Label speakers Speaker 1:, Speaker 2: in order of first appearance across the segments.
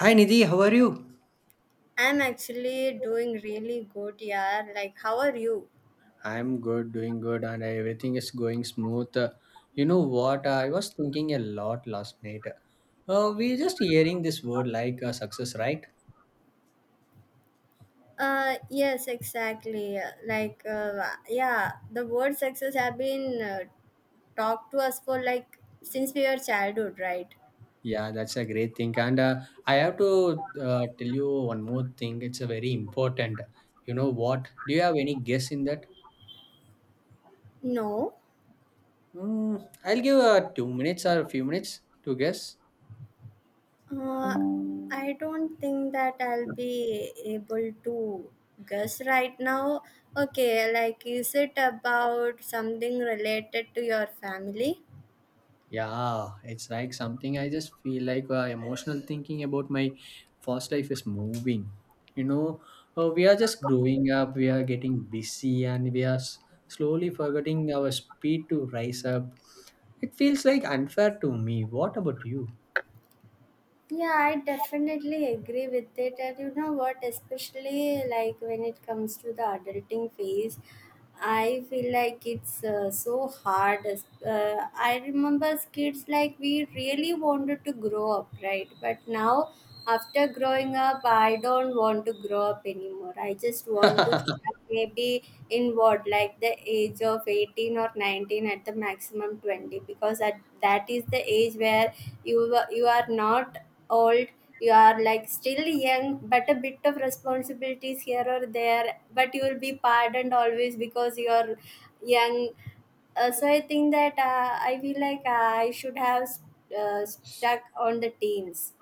Speaker 1: Hi Nidhi, how are you?
Speaker 2: I'm actually doing really good, yeah. Like, how are you?
Speaker 1: I'm good, doing good, and everything is going smooth. You know what? I was thinking a lot last night. We're just hearing this word like success, right?
Speaker 2: Yes, exactly. The word success have been talked to us for like since we were childhood, right?
Speaker 1: Yeah, that's a great thing. And I have to tell you one more thing. It's a very important. You know what? Do you have any guess in that?
Speaker 2: No,
Speaker 1: I'll give 2 minutes or a few minutes to guess.
Speaker 2: uh, I don't think that I'll be able to guess right now. Okay, like, is it about something related to your family?
Speaker 1: Yeah, it's like something I just feel like emotional thinking about my first life is moving. You know, we are just growing up, we are getting busy, and we are slowly forgetting our speed to rise up. It feels like unfair to me. What about you?
Speaker 2: Yeah, I definitely agree with it. And you know what, especially like when it comes to the adulting phase, I feel like it's so hard. I remember as kids, like we really wanted to grow up, right? But now, after growing up, I don't want to grow up anymore. I just want to. Maybe in what like the age of 18 or 19 at the maximum 20, because that is the age where you are not old, you are like still young, but a bit of responsibilities here or there, but you will be pardoned always because you are young. So I think that I feel like I should have stuck on the teens.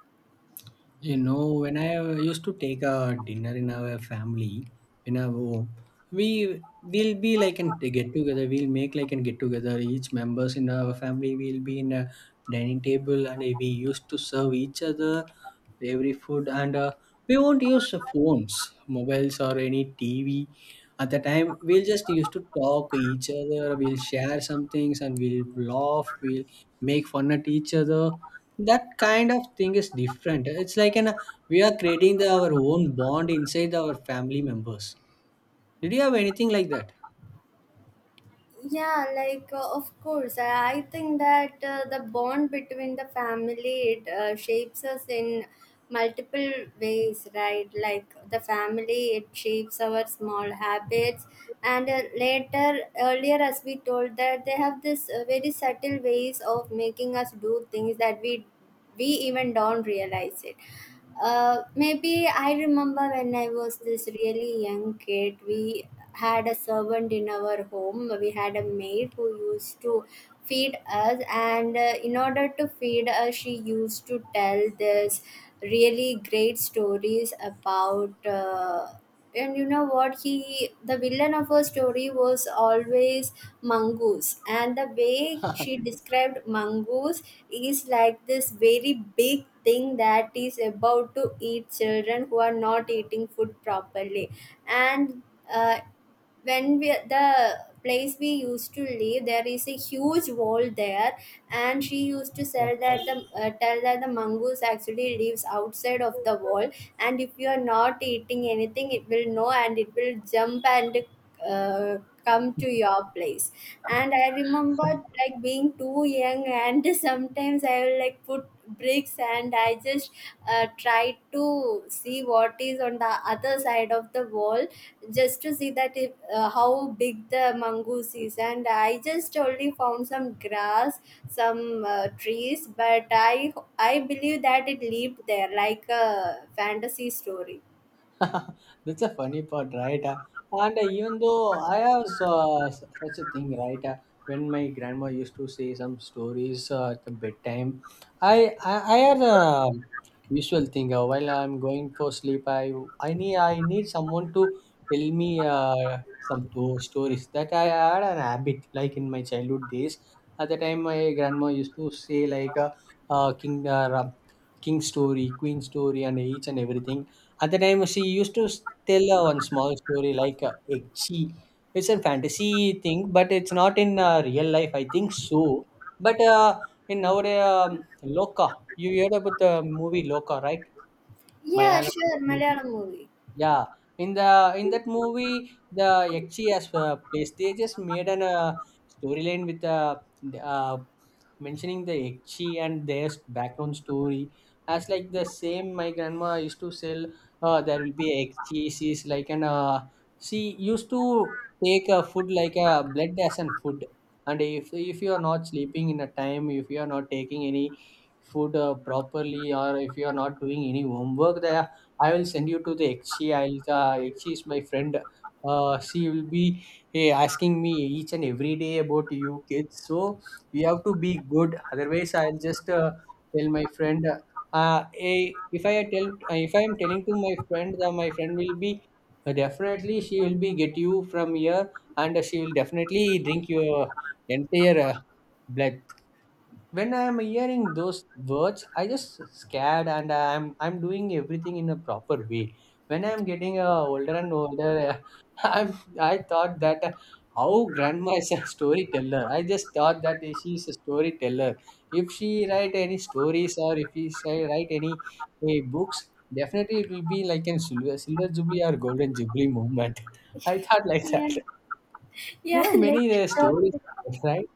Speaker 1: When I used to take a dinner in our family, in our home, we will be like in a get together. We'll make like and get together. Each members in our family will be in a dining table, and we used to serve each other every food. And we won't use phones, mobiles, or any TV. At the time, we'll just used to talk each other. We'll share some things, and we'll laugh. We'll make fun at each other. That kind of thing is different. It's like an we are creating our own bond inside our family members. Did you have anything like that?
Speaker 2: Yeah, like, of course I think that the bond between the family it shapes us in multiple ways, right? Like the family it shapes our small habits, and later earlier, as we told, that they have this very subtle ways of making us do things that we even don't realize it. Maybe I remember when I was this really young kid, we had a servant in our home. We had a maid who used to feed us, and in order to feed us, she used to tell this really great stories about. And you know what, he the villain of her story was always mongoose, and the way she described mongoose is like this very big thing that is about to eat children who are not eating food properly. And uh, when we the place we used to live, there is a huge wall there, and she used to say that the tell that the mongoose actually lives outside of the wall, and if you are not eating anything, it will know, and it will jump and uh, come to your place. And I remember like being too young, and sometimes I will like put bricks, and I just try to see what is on the other side of the wall, just to see that if, how big the mongoose is. And I just only found some grass, some trees. But I believe that it lived there like a fantasy story.
Speaker 1: That's a funny part, right? And even though I have such a thing, right? When my grandma used to say some stories at the bedtime, I I had a usual thing. While I'm going for sleep, I need someone to tell me uh, stories that I had an habit like in my childhood days. At the time, my grandma used to say like king king story, queen story, and each and everything. At the time, she used to tell one small story like it- she it's a fantasy thing, but it's not in real life. I think so. But in our Loka, you heard about the movie Loka, right?
Speaker 2: Yeah,
Speaker 1: Malayalam
Speaker 2: sure,
Speaker 1: movie.
Speaker 2: Malayalam movie.
Speaker 1: Yeah, in that movie, the Yakshi as place they just made an storyline with the, uh mentioning the Yakshi and their background story. As like the same, my grandma used to sell. There will be a Yakshi. She's like an She used to take a food like a blood as an food. And if you are not sleeping in a time, if you are not taking any food properly, or if you are not doing any homework, there I will send you to the Ekshi. I'll Ekshi is my friend. She will be asking me each and every day about you kids. So we have to be good. Otherwise, I'll just tell my friend. If I am telling to my friend, then my friend will be definitely she will be get you from here, and she will definitely drink your entire blood. When I'm hearing those words, I just scared, and I'm doing everything in a proper way. When I'm getting older and older i'm I thought that how grandma is a storyteller. I just thought that she's a storyteller. If she write any stories or if she write any books, definitely it will be like a silver jubilee or golden jubilee moment. I thought like
Speaker 2: Yeah.
Speaker 1: that.
Speaker 2: Yeah,
Speaker 1: There are many stories, right?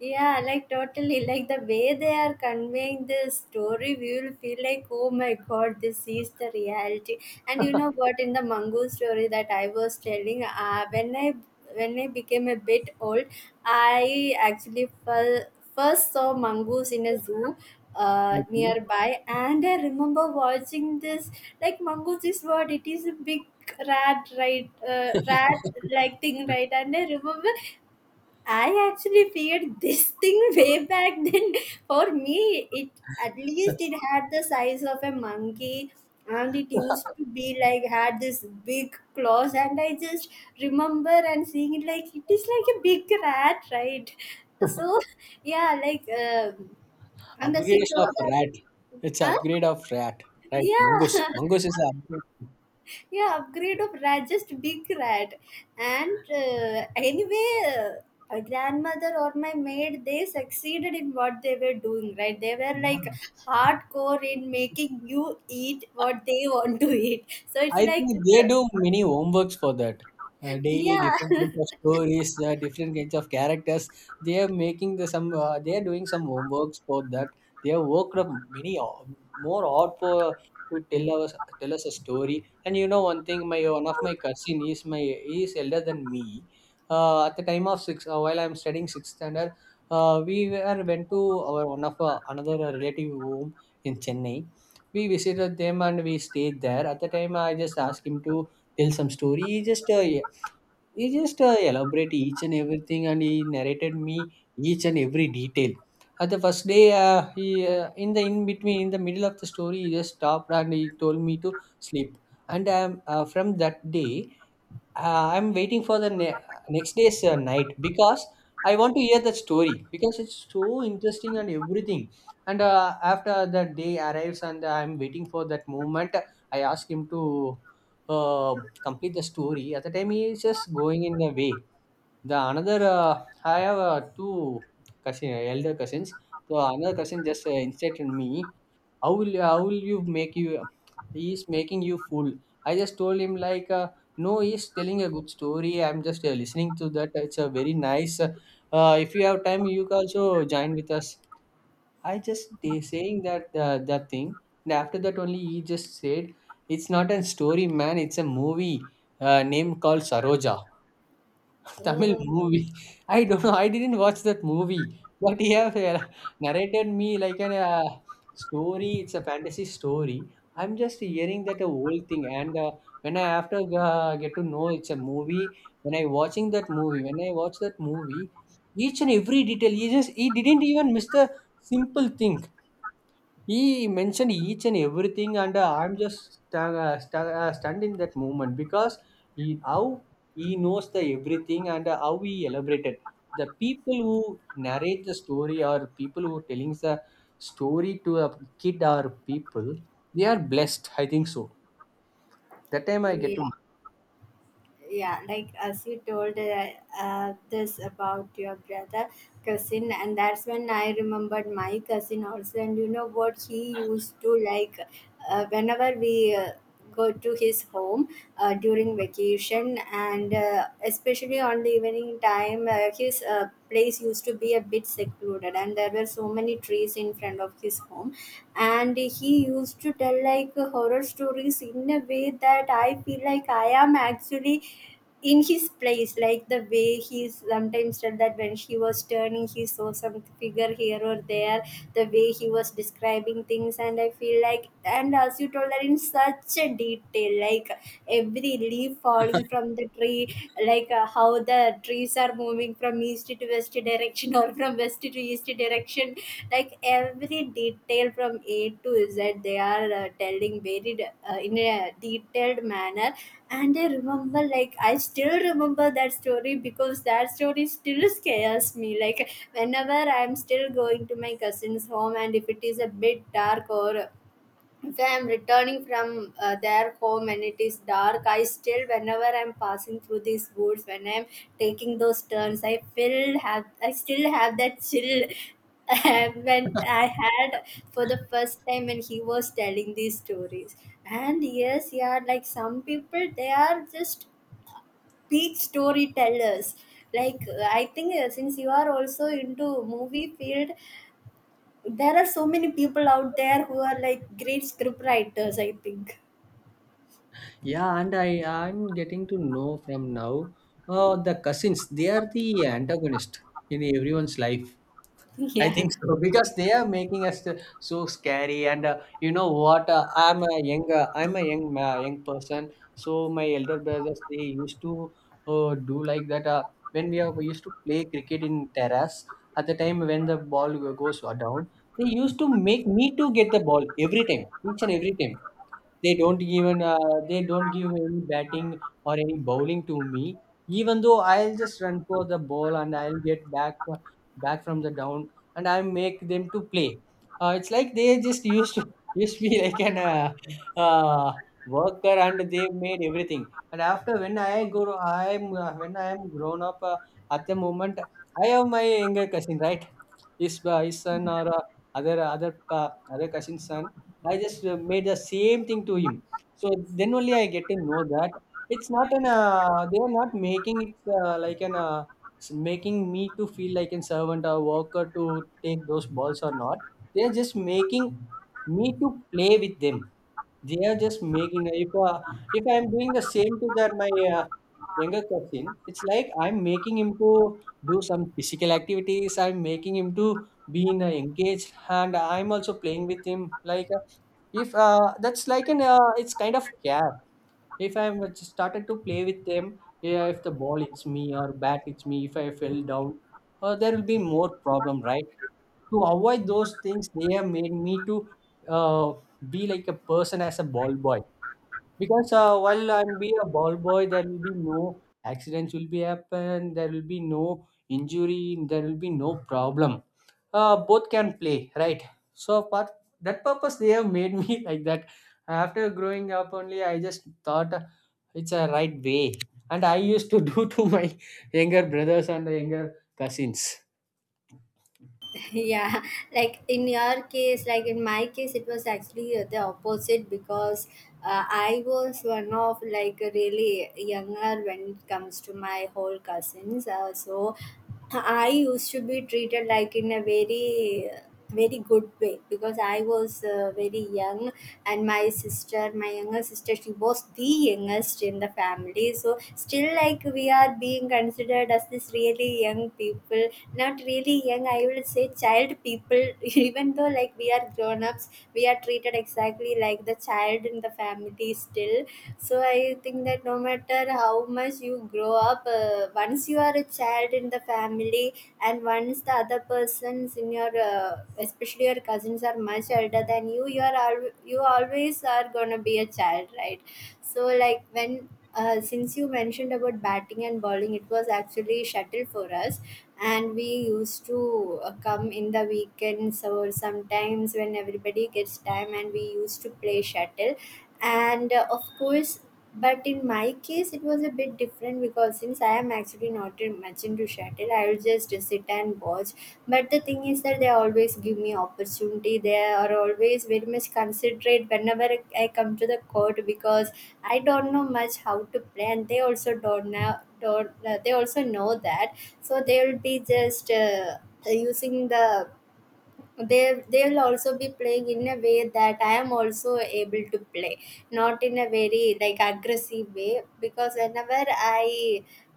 Speaker 2: yeah, like totally. Like the way they are conveying the story, we will feel like, oh my god, this is the reality. And you know what? In the Mangu story that I was telling, when I became a bit old, I first saw mongoose in a zoo.
Speaker 1: Okay.
Speaker 2: Nearby. And I remember watching this, like, mongoose is what, it is a big rat, right? Rat like thing, right? And I remember I actually feared this thing way back then. For me, it at least it had the size of a monkey, and it used to be like had this big claws, and I just remember and seeing it like it is like a big rat, right? So yeah, like, um, and as you
Speaker 1: Upgrade
Speaker 2: told
Speaker 1: of
Speaker 2: that.
Speaker 1: rat. It's
Speaker 2: Huh?
Speaker 1: upgrade of rat, right?
Speaker 2: Yeah.
Speaker 1: Mongoose. Mongoose is an upgrade.
Speaker 2: Yeah, upgrade of rat, just big rat. And anyway uh, my grandmother or my maid, they succeeded in what they were doing, right? They were like hardcore in making you eat what they want to eat. So it's
Speaker 1: I
Speaker 2: like,
Speaker 1: think they
Speaker 2: uh,
Speaker 1: do many homeworks for that. Daily
Speaker 2: yeah.
Speaker 1: different kinds of stories, different kinds of characters. They are making the some. They are doing some homeworks for that. They have worked up many more hard for to tell us a story. And you know one thing, my one of my cousin is my he is elder than me. At the time of six, while I am studying sixth standard, we were went to our one of another relative home in Chennai. We visited them and we stayed there. At the time, I just asked him to tell some story. He just elaborated each and everything, and he narrated me each and every detail. At the first day he, in the, in between, in the middle of the story, he just stopped and he told me to sleep. And from that day I'm waiting for the next day's night because I want to hear the story because it's so interesting and everything. And after the day arrives and I'm waiting for that moment, I ask him to uh, complete the story. At the time, he is just going in the way. I have two cousin, elder cousins. So another cousin just instructed me how will you make you he is making you fool. I just told him like no, he is telling a good story. I'm just listening to that. It's a very nice. If you have time, you can also join with us. I just saying that that thing. And after that only he just said it's not a story, man, it's a movie name called Saroja. Tamil
Speaker 2: Oh,
Speaker 1: movie. I don't know. I didn't watch that movie, but he have narrated me like an story. It's a fantasy story. I'm just hearing that whole thing, and when I after get to know it's a movie, when I watch that movie, each and every detail, he didn't even miss the simple thing. He mentioned each and everything, and I'm just stunned in that moment because how he knows the everything and how he elaborated. The people who narrate the story or people who telling the story to a kid or people, they are blessed. I think so. That time I get
Speaker 2: yeah.
Speaker 1: to know.
Speaker 2: Yeah, like as you told, this about your brother cousin, and that's when I remembered my cousin also. And you know what, he used to like, whenever we go to his home during vacation, and especially on the evening time, his place used to be a bit secluded, and there were so many trees in front of his platform. And he used to tell like horror stories in a way that I feel like I am actually in his place, like the way he sometimes said that when he was turning, he saw some figure here or there, the way he was describing things. And I feel like, and as you told that, in such a detail, like every leaf falling from the tree, like how the trees are moving from east to west direction or from west to east direction, like every detail from A to Z, they are in a detailed manner. And I remember, like, I still remember that story because that story still scares me. Like whenever I'm still going to my cousin's home, and if it is a bit dark, or if I am returning from their home and it is dark, I still, whenever I'm passing through these woods, when I'm taking those turns, I feel have I still have that chill when I had for the first time when he was telling these stories. And yes, yeah, like some people, they are just peak storytellers. Like I think since you are also into movie field, there are so many people out there who are like great script writers, I think.
Speaker 1: Yeah, and I'm getting to know from now. The cousins, they are the antagonist in everyone's life. I
Speaker 2: Yeah.
Speaker 1: think so because they are making us so scary. And you know what? I'm a young person. So my elder brothers they used to do like that. When we used to play cricket in terrace, at the time when the ball goes down, they used to make me to get the ball every time, each and every time. They don't give any batting or any bowling to me. Even though I'll just run for the ball and I'll get back from the down and I make them to play. It's like they just used to used to be like an worker and they made everything. And after when I go, I'm when I am grown up at the moment, I have my younger cousin, right? His his son or other other uh, other cousin's son, I just made the same thing to him. So then only I get to know that it's not an they are not making it like making me to feel like a servant or worker to take those balls or not. They are just making me to play with them. They are just making. If I'm doing the same to that my uh, younger cousin, it's like I'm making him to do some physical activities. I'm making him to be engaged, and I'm also playing with him. Like if That's like an it's kind of care. If I'm just started to play with them, yeah, if the ball hits me or bat hits me, if I fell down, there will be more problem, right? To avoid those things, they have made me to uh, be like a person as a ball boy because while I'm be a ball boy, there will be no accidents will be happen. There will be no injury. There will be no problem. Both can play, right? So for that purpose, they have made me like that. After growing up, only I just thought it's a right way, and I used to do to my younger brothers and younger cousins.
Speaker 2: Yeah, like in your case, like in my case, it was actually the opposite, because I was one of like a really younger when it comes to my whole cousins. So I used to be treated like in a very very good way because I was very young. And my younger sister, she was the youngest in the family. So still, like, we are being considered as this really young people, not really young, I will say child people even though like we are grown ups, we are treated exactly like the child in the family still. So I think that no matter how much you grow up, once you are a child in the family, and once the other persons in your especially your cousins are much elder than you, you are al- you always are going to be a child, right? So like when since you mentioned about batting and bowling, it was actually shuttle for us, and we used to come in the weekends or sometimes when everybody gets time, and we used to play shuttle. And of course, but in my case, it was a bit different, because since I am actually not in- much into shuttle, I will just sit and watch. But the thing is that they always give me opportunity. They are always very much considerate whenever I come to the court, because I don't know much how to play, and they also don't know. Don't they also know that? So they will be just using the they they'll also be playing in a way that I am also able to play, not in a very like aggressive way. Because whenever I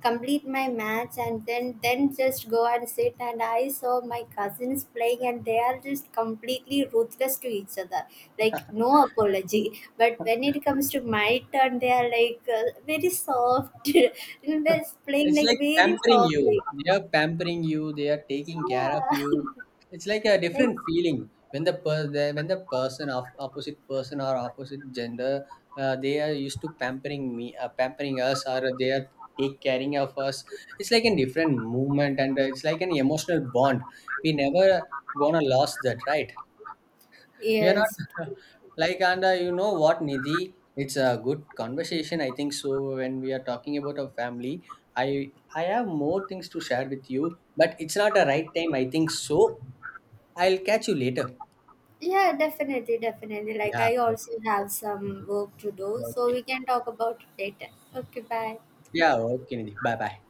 Speaker 2: complete my match and then just go and sit, and I saw my cousins playing, and they are just completely ruthless to each other, like no apology. But when it comes to my turn, they are like very soft, and they're playing
Speaker 1: It's
Speaker 2: like
Speaker 1: like
Speaker 2: very
Speaker 1: pampering you.
Speaker 2: softly.
Speaker 1: They are pampering you. They are taking care of
Speaker 2: Yeah.
Speaker 1: you. It's like a
Speaker 2: Like,
Speaker 1: different feeling when the person of opposite person or opposite gender, they are used to pampering me, pampering us, or they are take caring of us. It's like a different movement, and it's like an emotional bond. We never gonna lose that, right? We are not
Speaker 2: yes.
Speaker 1: like, and you know what, Nidhi? It's a good conversation, I think. So when we are talking about our family, I have more things to share with you, but it's not a right time, I think. So I'll catch you later.
Speaker 2: Yeah, definitely, definitely. Like
Speaker 1: Yeah.
Speaker 2: I also
Speaker 1: Okay.
Speaker 2: have some work to do, so
Speaker 1: Okay.
Speaker 2: we can talk about it later. Okay, bye.
Speaker 1: Yeah. Okay, Nidhi. Bye. Bye.